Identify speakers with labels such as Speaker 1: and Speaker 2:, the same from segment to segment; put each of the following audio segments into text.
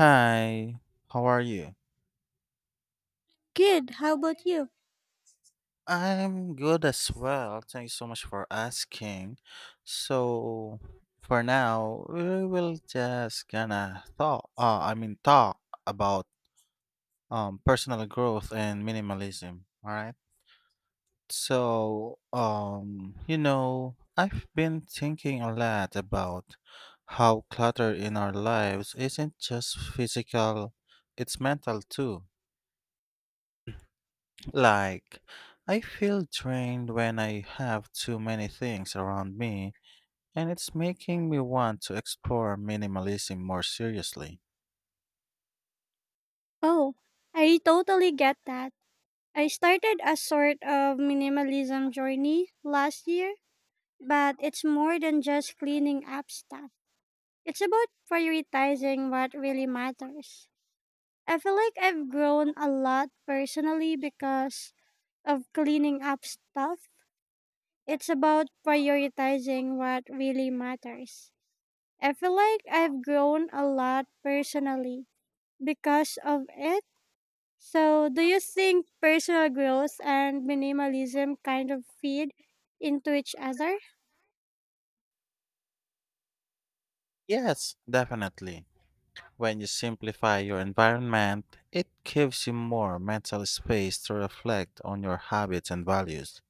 Speaker 1: Hi, how are you?
Speaker 2: Good. How about you?
Speaker 1: I'm good as well. Thanks so much for asking. So, for now, we will just gonna talk about personal growth and minimalism, all right? So, you know, I've been thinking a lot about how clutter in our lives isn't just physical, it's mental too. Like, I feel drained when I have too many things around me, and it's making me want to explore minimalism more seriously.
Speaker 2: Oh, I totally get that. I started a sort of minimalism journey last year, but it's more than just cleaning up stuff. It's about prioritizing what really matters. I feel like I've grown a lot personally because of cleaning up stuff. It's about prioritizing what really matters. I feel like I've grown a lot personally because of it. So, do you think personal growth and minimalism kind of feed into each other?
Speaker 1: Yes, definitely. When you simplify your environment, it gives you more mental space to reflect on your habits and values.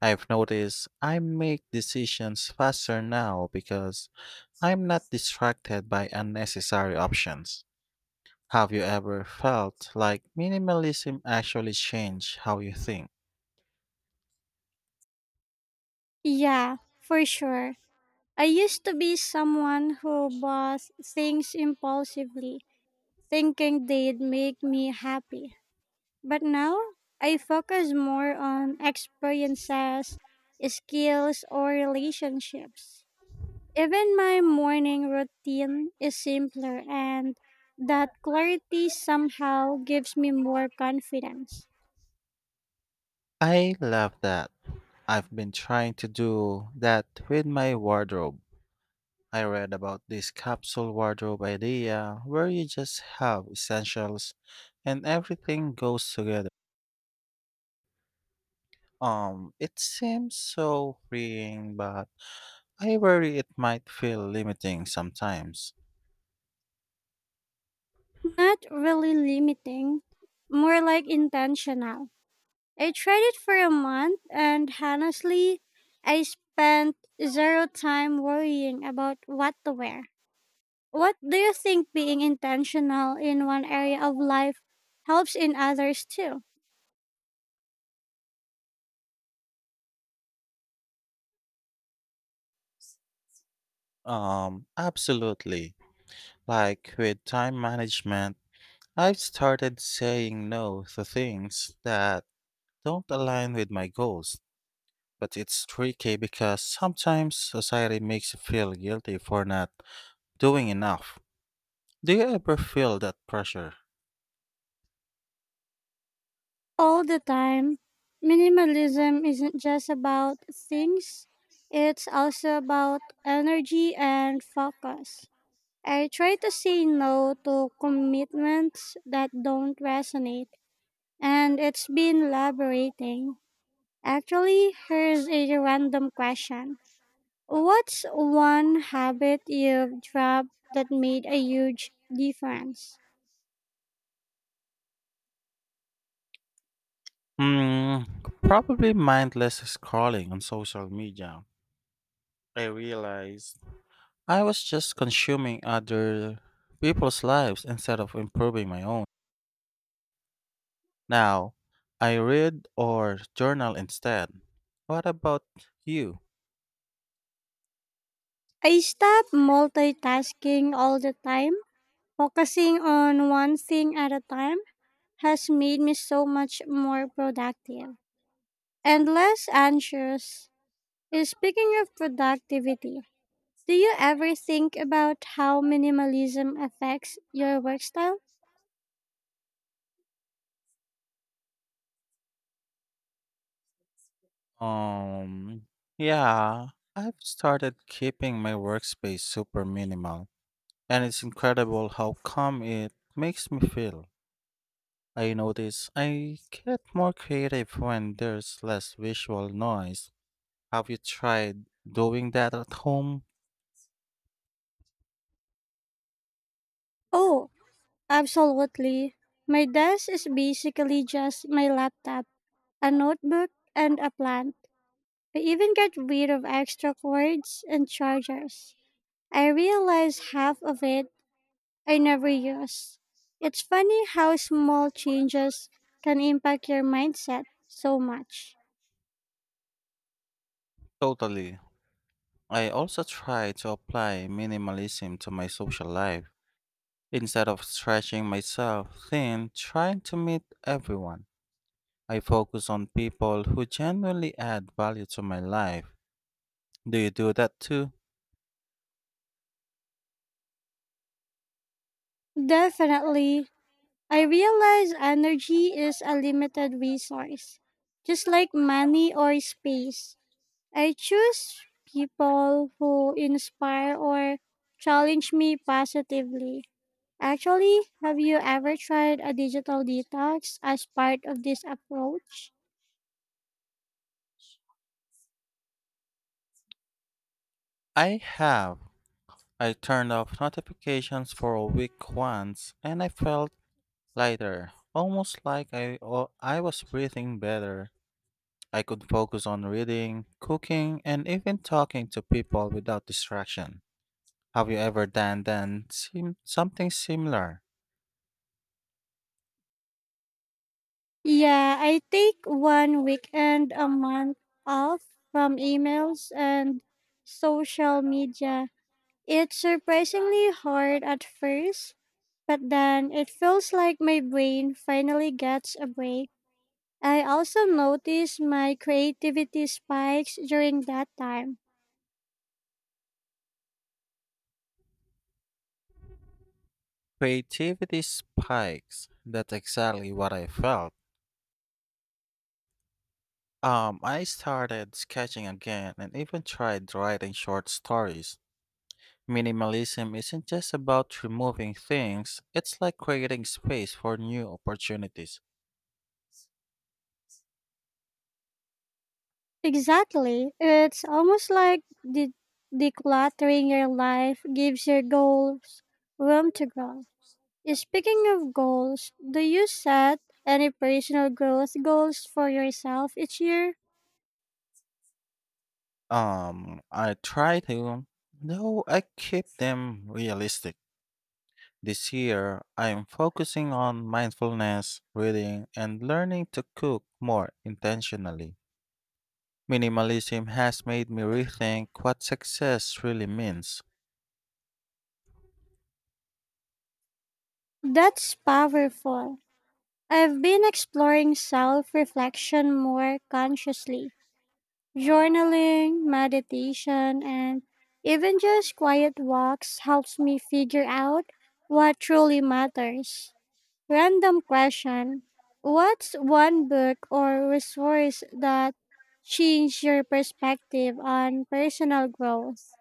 Speaker 1: I've noticed I make decisions faster now because I'm not distracted by unnecessary options. Have you ever felt like minimalism actually changed how you think?
Speaker 2: Yeah, for sure. I used to be someone who bought things impulsively, thinking they'd make me happy. But now, I focus more on experiences, skills, or relationships. Even my morning routine is simpler, and that clarity somehow gives me more confidence.
Speaker 1: I love that. I've been trying to do that with my wardrobe. I read about this capsule wardrobe idea where you just have essentials and everything goes together. It seems so freeing, but I worry it might feel limiting sometimes.
Speaker 2: Not really limiting, more like intentional. I tried it for a month, and honestly, I spent zero time worrying about what to wear. What do you think being intentional in one area of life helps in others too?
Speaker 1: Absolutely. Like with time management, I've started saying no to things that don't align with my goals, but it's tricky because sometimes society makes you feel guilty for not doing enough. Do you ever feel that pressure?
Speaker 2: All the time. Minimalism isn't just about things, it's also about energy and focus. I try to say no to commitments that don't resonate, and it's been liberating. Actually, here's a random question. What's one habit you've dropped that made a huge difference?
Speaker 1: Hmm, probably mindless scrolling on social media. I realized I was just consuming other people's lives instead of improving my own. Now, I read or journal instead. What about you?
Speaker 2: I stop multitasking all the time. Focusing on one thing at a time has made me so much more productive and less anxious. Speaking of productivity, do you ever think about how minimalism affects your work style?
Speaker 1: Um, yeah, I've started keeping my workspace super minimal, and it's incredible how calm it makes me feel. I notice I get more creative when there's less visual noise. Have you tried doing that at home?
Speaker 2: Oh, absolutely. My desk is basically just my laptop, a notebook, and a plant. I even get rid of extra cords and chargers. I realize half of it I never use. It's funny how small changes can impact your mindset so much.
Speaker 1: Totally. I also try to apply minimalism to my social life. Instead of stretching myself thin, trying to meet everyone, I focus on people who genuinely add value to my life. Do you do that too?
Speaker 2: Definitely, I realize energy is a limited resource, just like money or space. I choose people who inspire or challenge me positively. Actually, have you ever tried a digital detox as part of this approach?
Speaker 1: I have. I turned off notifications for a week once and I felt lighter, almost like I was breathing better. I could focus on reading, cooking, and even talking to people without distraction. Have you ever done something similar?
Speaker 2: Yeah, I take one weekend a month off from emails and social media. It's surprisingly hard at first, but then it feels like my brain finally gets a break. I also notice my creativity spikes during that time.
Speaker 1: Creativity spikes. That's exactly what I felt. I started sketching again and even tried writing short stories. Minimalism isn't just about removing things, it's like creating space for new opportunities.
Speaker 2: Exactly. It's almost like decluttering your life gives your goals room to grow. Yeah, speaking of goals, do you set any personal growth goals for yourself each year?
Speaker 1: I try to, though I keep them realistic. This year, I am focusing on mindfulness, reading, and learning to cook more intentionally. Minimalism has made me rethink what success really means.
Speaker 2: That's powerful. I've been exploring self reflection more consciously, journaling, meditation, and even just quiet walks helps me figure out what truly matters. Random question. What's one book or resource that changed your perspective on personal growth?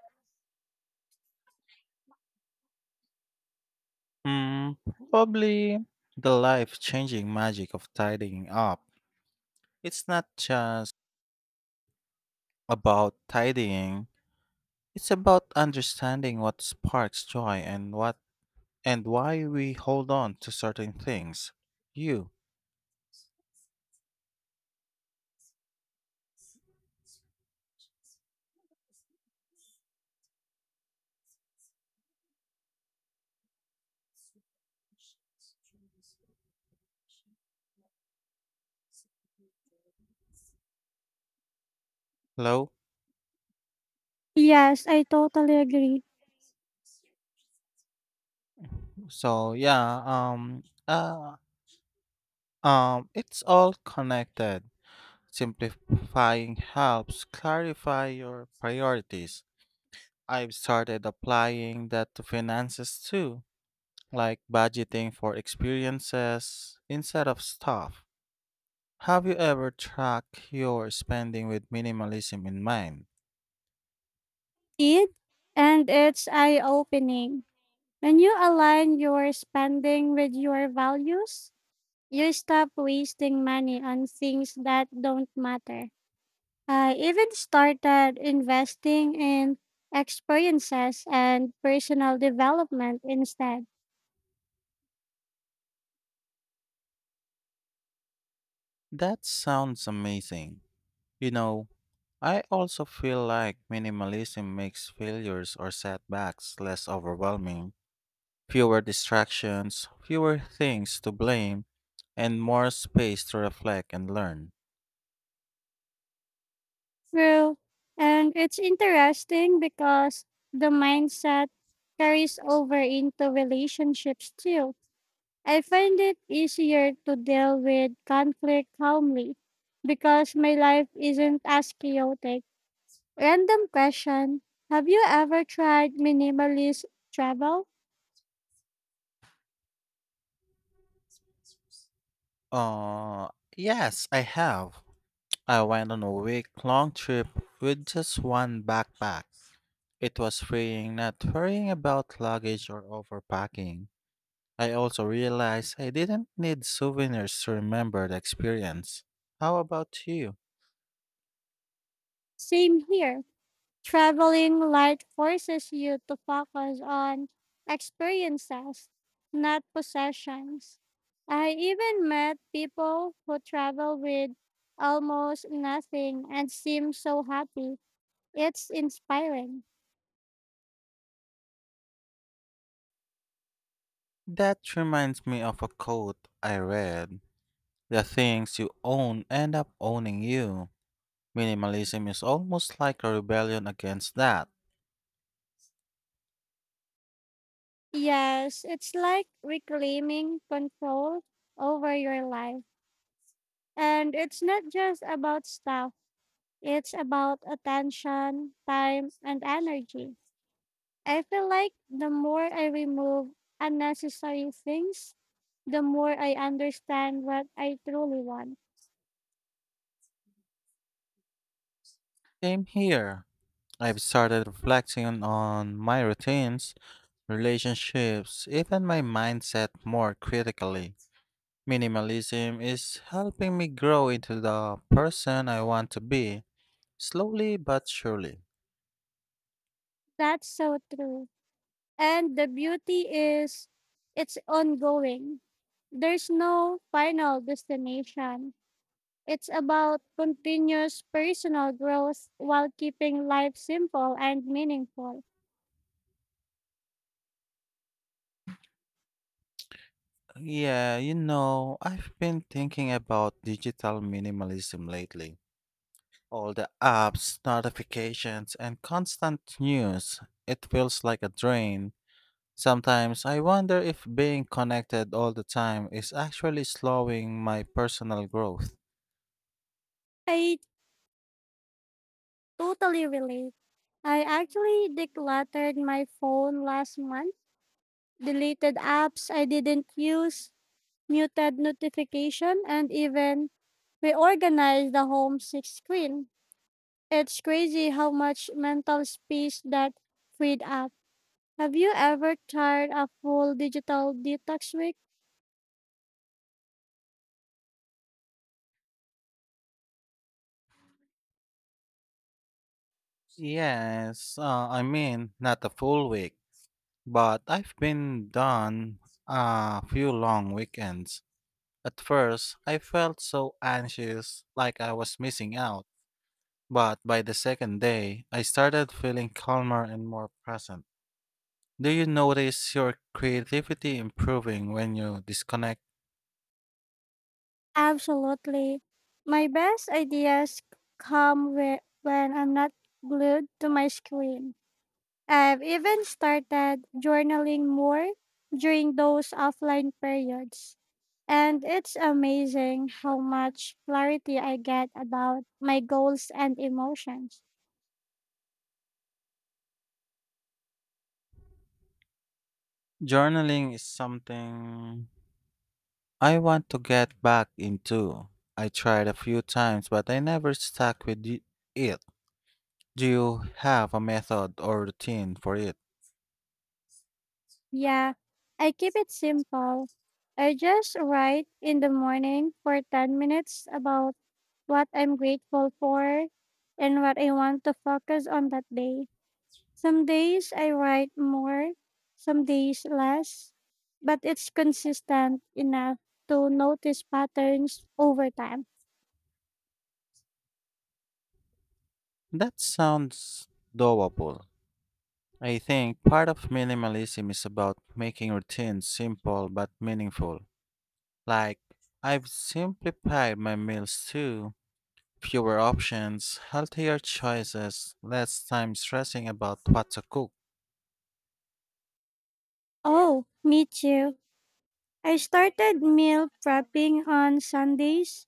Speaker 1: Hmm, probably the life changing magic of tidying up. It's not just about tidying, it's about understanding what sparks joy and what and why we hold on to certain things. You, hello?
Speaker 2: Yes, I totally agree.
Speaker 1: So yeah, it's all connected. Simplifying helps clarify your priorities. I've started applying that to finances too, like budgeting for experiences instead of stuff. Have you ever tracked your spending with minimalism in mind?
Speaker 2: It and it's eye opening. When you align your spending with your values, you stop wasting money on things that don't matter. I even started investing in experiences and personal development instead.
Speaker 1: That sounds amazing. You know, I also feel like minimalism makes failures or setbacks less overwhelming. Fewer distractions, fewer things to blame, and more space to reflect and learn.
Speaker 2: True. And it's interesting because the mindset carries over into relationships too. I find it easier to deal with conflict calmly because my life isn't as chaotic. Random question. Have you ever tried minimalist travel?
Speaker 1: Uh, yes, I have. I went on a week long trip with just one backpack. It was freeing not worrying about luggage or overpacking. I also realized I didn't need souvenirs to remember the experience. How about you?
Speaker 2: Same here. Traveling light forces you to focus on experiences, not possessions. I even met people who travel with almost nothing and seem so happy. It's inspiring.
Speaker 1: That reminds me of a quote I read. The things you own end up owning you. Minimalism is almost like a rebellion against that.
Speaker 2: Yes, it's like reclaiming control over your life. And it's not just about stuff, it's about attention, time, and energy. I feel like the more I remove unnecessary things, the more I understand what I truly want.
Speaker 1: Same here. I've started reflecting on my routines, relationships, even my mindset more critically. Minimalism is helping me grow into the person I want to be, slowly but surely.
Speaker 2: That's so true. And the beauty is it's ongoing. There's no final destination. It's about continuous personal growth while keeping life simple and meaningful.
Speaker 1: Yeah, you know, I've been thinking about digital minimalism lately. All the apps, notifications, and constant news. It feels like a drain. Sometimes I wonder if being connected all the time is actually slowing my personal growth.
Speaker 2: I totally relate. I actually decluttered my phone last month, deleted apps I didn't use, muted notification, and even reorganized the home six screen. It's crazy how much mental space that freed up. Have you ever tried a full digital detox week?
Speaker 1: Yes, not a full week, but I've been done a few long weekends. At first, I felt so anxious, like I was missing out. But by the second day, I started feeling calmer and more present. Do you notice your creativity improving when you disconnect?
Speaker 2: Absolutely. My best ideas come when I'm not glued to my screen. I've even started journaling more during those offline periods. And it's amazing how much clarity I get about my goals and emotions.
Speaker 1: Journaling is something I want to get back into. I tried a few times, but I never stuck with it. Do you have a method or routine for it?
Speaker 2: Yeah, I keep it simple. I just write in the morning for 10 minutes about what I'm grateful for and what I want to focus on that day. Some days I write more, some days less, but it's consistent enough to notice patterns over time.
Speaker 1: That sounds doable. I think part of minimalism is about making routines simple but meaningful. Like, I've simplified my meals too. Fewer options, healthier choices, less time stressing about what to cook.
Speaker 2: Oh, me too. I started meal prepping on Sundays,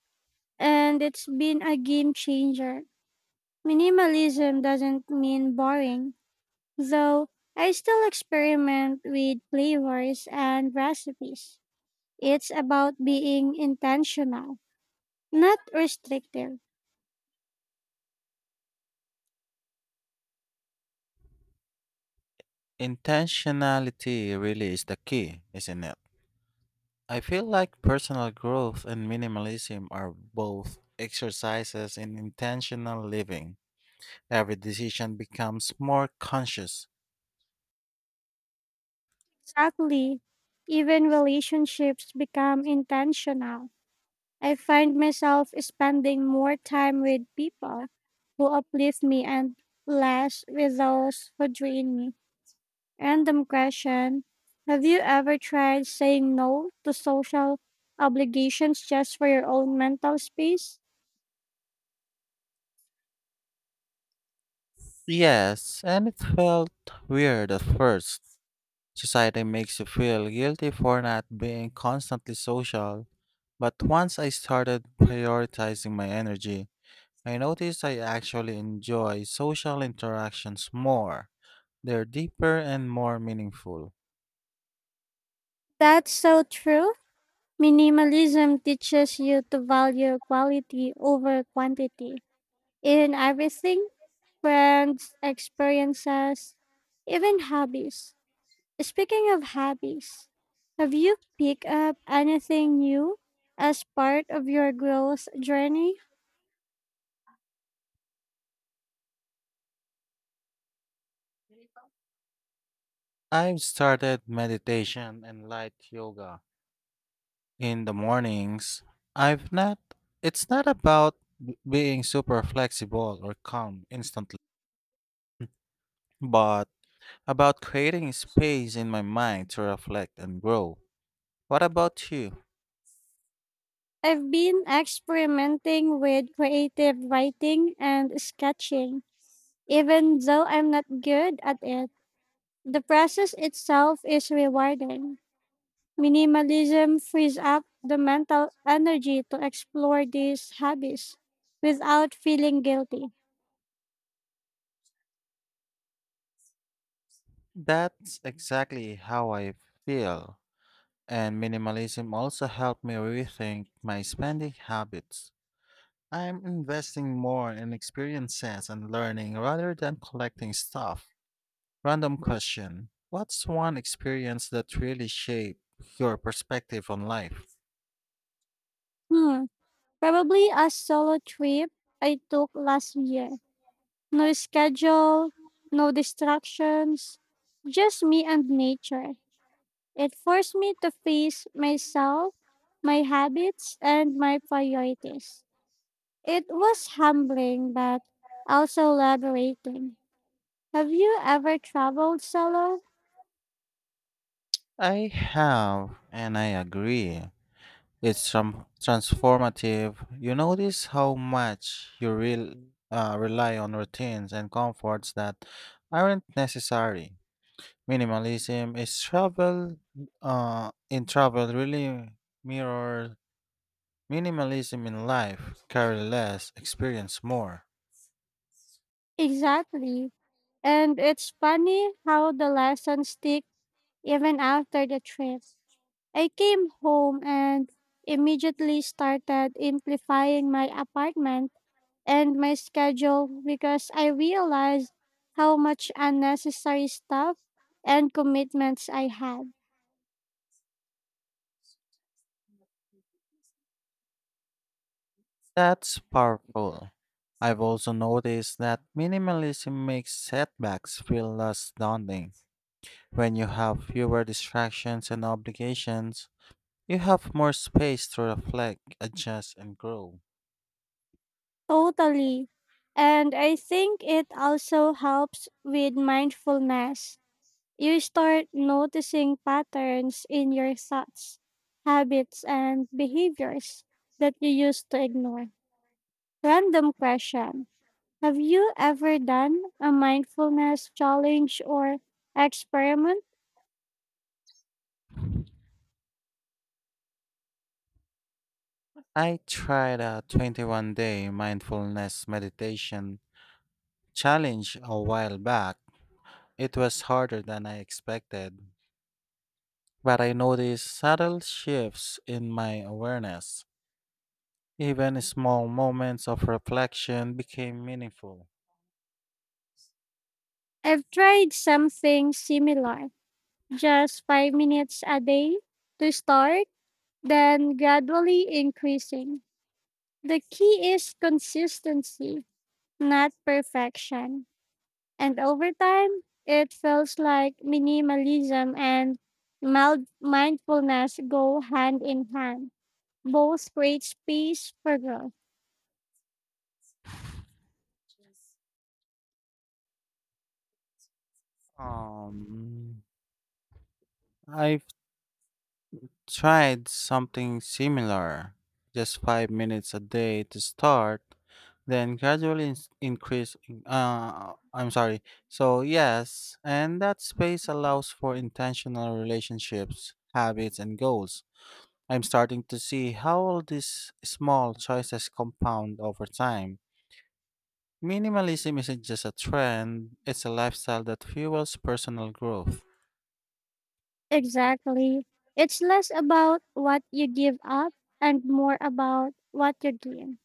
Speaker 2: and it's been a game changer. Minimalism doesn't mean boring, though I still experiment with flavors and recipes. It's about being intentional, not restrictive.
Speaker 1: Intentionality really is the key, isn't it? I feel like personal growth and minimalism are both exercises in intentional living. Every decision becomes more conscious.
Speaker 2: Exactly. Even relationships become intentional. I find myself spending more time with people who uplift me and less with those who drain me. Random question. Have you ever tried saying no to social obligations just for your own mental space?
Speaker 1: Yes, and it felt weird at first. Society makes you feel guilty for not being constantly social, but once I started prioritizing my energy, I noticed I actually enjoy social interactions more. They're deeper and more meaningful.
Speaker 2: That's so true. Minimalism teaches you to value quality over quantity in everything: friends, experiences, even hobbies. Speaking of hobbies, have you picked up anything new as part of your growth journey?
Speaker 1: I've started meditation and light yoga in the mornings. I've not, it's not about being super flexible or calm instantly, but about creating space in my mind to reflect and grow. What about you?
Speaker 2: I've been experimenting with creative writing and sketching, even though I'm not good at it. The process itself is rewarding. Minimalism frees up the mental energy to explore these hobbies without feeling guilty.
Speaker 1: That's exactly how I feel. And minimalism also helped me rethink my spending habits. I'm investing more in experiences and learning rather than collecting stuff. Random question. What's one experience that really shaped your perspective on life?
Speaker 2: Hmm, probably a solo trip I took last year. No schedule, no distractions, just me and nature. It forced me to face myself, my habits, and my priorities. It was humbling but also liberating. Have you ever traveled solo?
Speaker 1: I have, and I agree. It's some transformative. You notice how much you real rely on routines and comforts that aren't necessary. Minimalism is travel. In travel, really mirror minimalism in life. Carry less, experience more.
Speaker 2: Exactly. And it's funny how the lessons stick even after the trip. I came home and immediately started amplifying my apartment and my schedule because I realized how much unnecessary stuff and commitments I had.
Speaker 1: That's powerful. I've also noticed that minimalism makes setbacks feel less daunting. When you have fewer distractions and obligations, you have more space to reflect, adjust, and grow.
Speaker 2: Totally. And I think it also helps with mindfulness. You start noticing patterns in your thoughts, habits, and behaviors that you used to ignore. Random question. Have you ever done a mindfulness challenge or experiment?
Speaker 1: I tried a 21-day mindfulness meditation challenge a while back. It was harder than I expected, but I noticed subtle shifts in my awareness. Even small moments of reflection became meaningful.
Speaker 2: I've tried something similar, just 5 minutes a day to start, then gradually increasing. The key is consistency, not perfection. And over time, it feels like minimalism and mild mindfulness go hand in hand. Both create space for growth.
Speaker 1: Um, I've tried something similar, just 5 minutes a day to start, then gradually increase. I'm sorry. So, yes, and that space allows for intentional relationships, habits, and goals. I'm starting to see how all these small choices compound over time. Minimalism isn't just a trend, it's a lifestyle that fuels personal growth.
Speaker 2: Exactly. It's less about what you give up and more about what you give: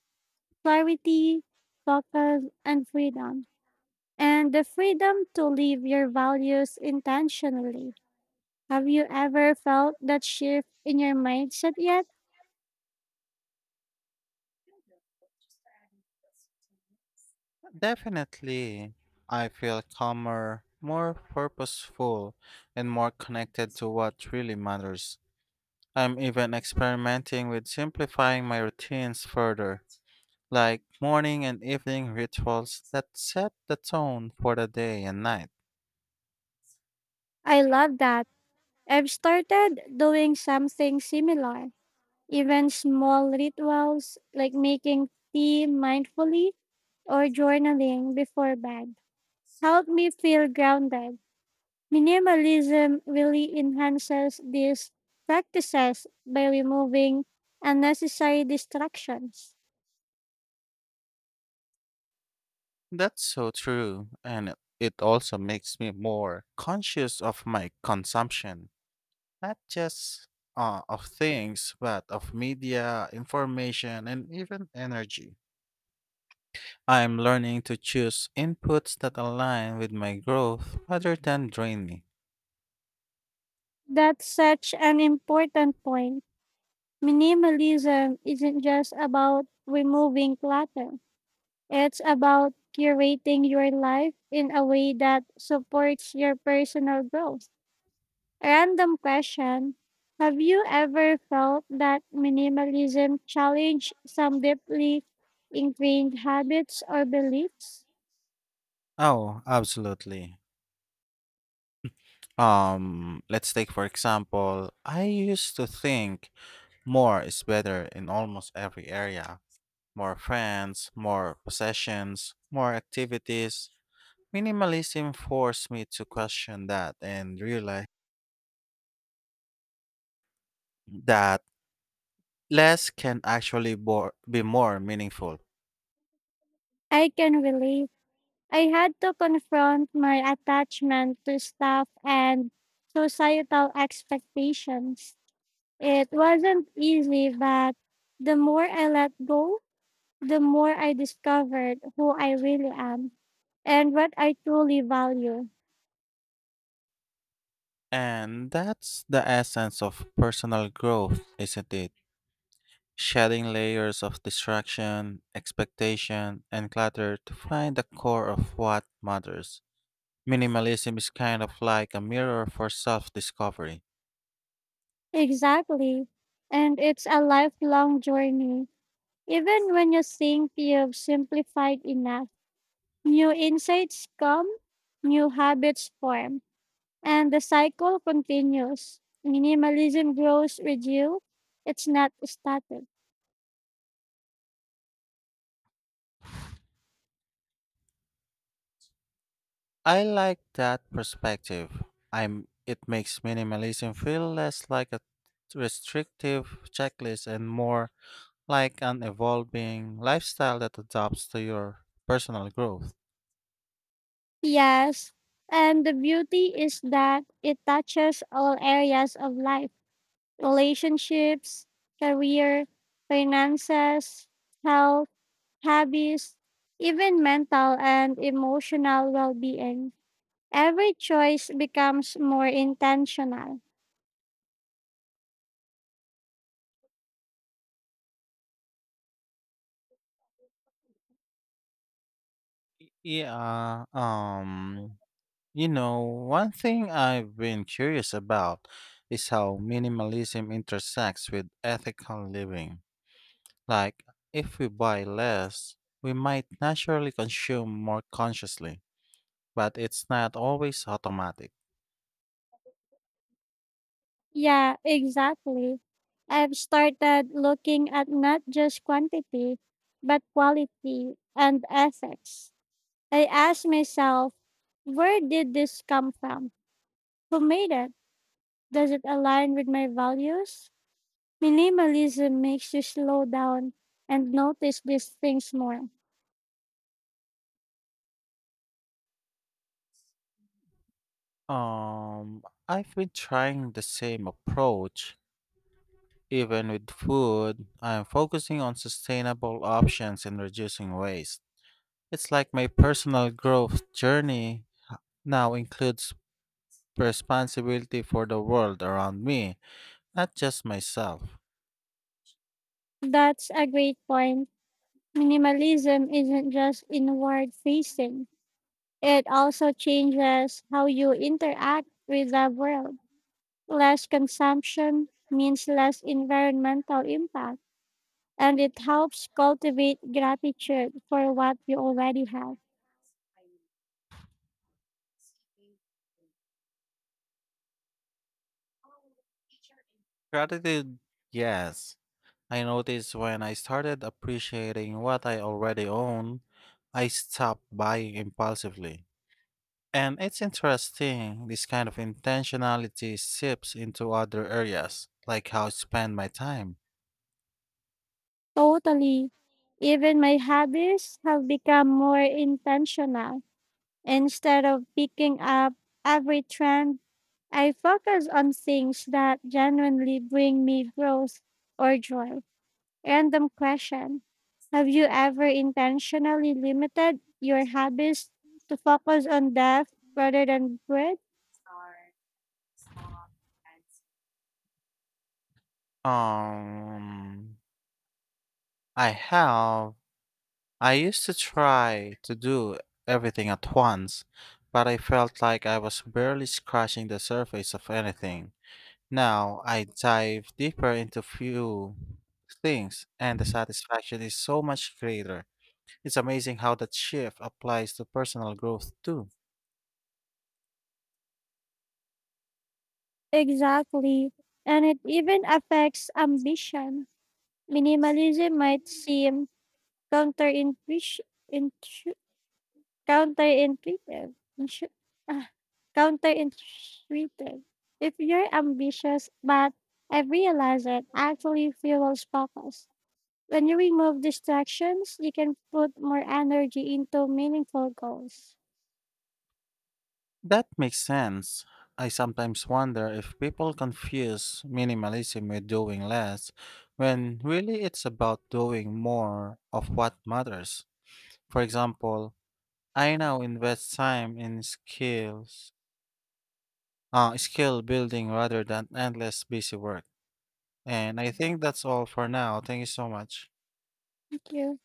Speaker 2: clarity, focus, and freedom. And the freedom to live your values intentionally. Have you ever felt that shift in your mindset yet?
Speaker 1: Definitely, I feel calmer, more purposeful, and more connected to what really matters. I'm even experimenting with simplifying my routines further, like morning and evening rituals that set the tone for the day and night.
Speaker 2: I love that. I've started doing something similar. Even small rituals like making tea mindfully or journaling before bed help me feel grounded. Minimalism really enhances these practices by removing unnecessary distractions.
Speaker 1: That's so true, and it also makes me more conscious of my consumption. Not just of things, but of media, information, and even energy. I'm learning to choose inputs that align with my growth rather than drain me.
Speaker 2: That's such an important point. Minimalism isn't just about removing clutter, it's about curating your life in a way that supports your personal growth. Random question. Have you ever felt that minimalism challenged some deeply ingrained habits or beliefs?
Speaker 1: Oh, absolutely. Let's take for example, I used to think more is better in almost every area. More friends, more possessions, more activities. Minimalism forced me to question that and realize that less can actually be more meaningful.
Speaker 2: I can relate. I had to confront my attachment to stuff and societal expectations. It wasn't easy, but the more I let go, the more I discovered who I really am and what I truly value.
Speaker 1: And that's the essence of personal growth, isn't it? Shedding layers of distraction, expectation, and clutter to find the core of what matters. Minimalism is kind of like a mirror for self discovery.
Speaker 2: Exactly. And it's a lifelong journey. Even when you think you've simplified enough, new insights come, new habits form, and the cycle continues. Minimalism grows with you, it's not static.
Speaker 1: I like that perspective. It makes minimalism feel less like a restrictive checklist and more like an evolving lifestyle that adapts to your personal growth.
Speaker 2: Yes. And the beauty is that it touches all areas of life: relationships, career, finances, health habits, even mental and emotional well being. Every choice becomes more intentional.
Speaker 1: Yeah, you know, one thing I've been curious about is how minimalism intersects with ethical living. Like, if we buy less, we might naturally consume more consciously, but it's not always automatic.
Speaker 2: Yeah, exactly. I've started looking at not just quantity, but quality and ethics. I ask myself, where did this come from? Who made it? Does it align with my values? Minimalism makes you slow down and notice these things more.
Speaker 1: I've been trying the same approach. Even with food, I am focusing on sustainable options and reducing waste. It's like my personal growth journey now includes responsibility for the world around me, not just myself.
Speaker 2: That's a great point. Minimalism isn't just inward facing, it also changes how you interact with the world. Less consumption means less environmental impact, and it helps cultivate gratitude for what you already have.
Speaker 1: Gratitude, yes. I noticed when I started appreciating what I already own, I stopped buying impulsively. And it's interesting, this kind of intentionality seeps into other areas, like how I spend my time.
Speaker 2: Totally. Even my hobbies have become more intentional. Instead of picking up every trend, I focus on things that genuinely bring me growth or joy. Random question. Have you ever intentionally limited your habits to focus on depth rather than breadth?
Speaker 1: Um, I have. I used to try to do everything at once, but I felt like I was barely scratching the surface of anything. Now I dive deeper into few things, and the satisfaction is so much greater. It's amazing how that shift applies to personal growth too.
Speaker 2: Exactly. And it even affects ambition. Minimalism might seem counterintuitive, intu- counterintuitive, ah, counterintuitive. If you're ambitious, but I realize it actually fuels focus. When you remove distractions, you can put more energy into meaningful goals.
Speaker 1: That makes sense. I sometimes wonder if people confuse minimalism with doing less, when really it's about doing more of what matters. For example, I now invest time in skill building rather than endless busy work. And I think that's all for now. Thank you so much.
Speaker 2: Thank you.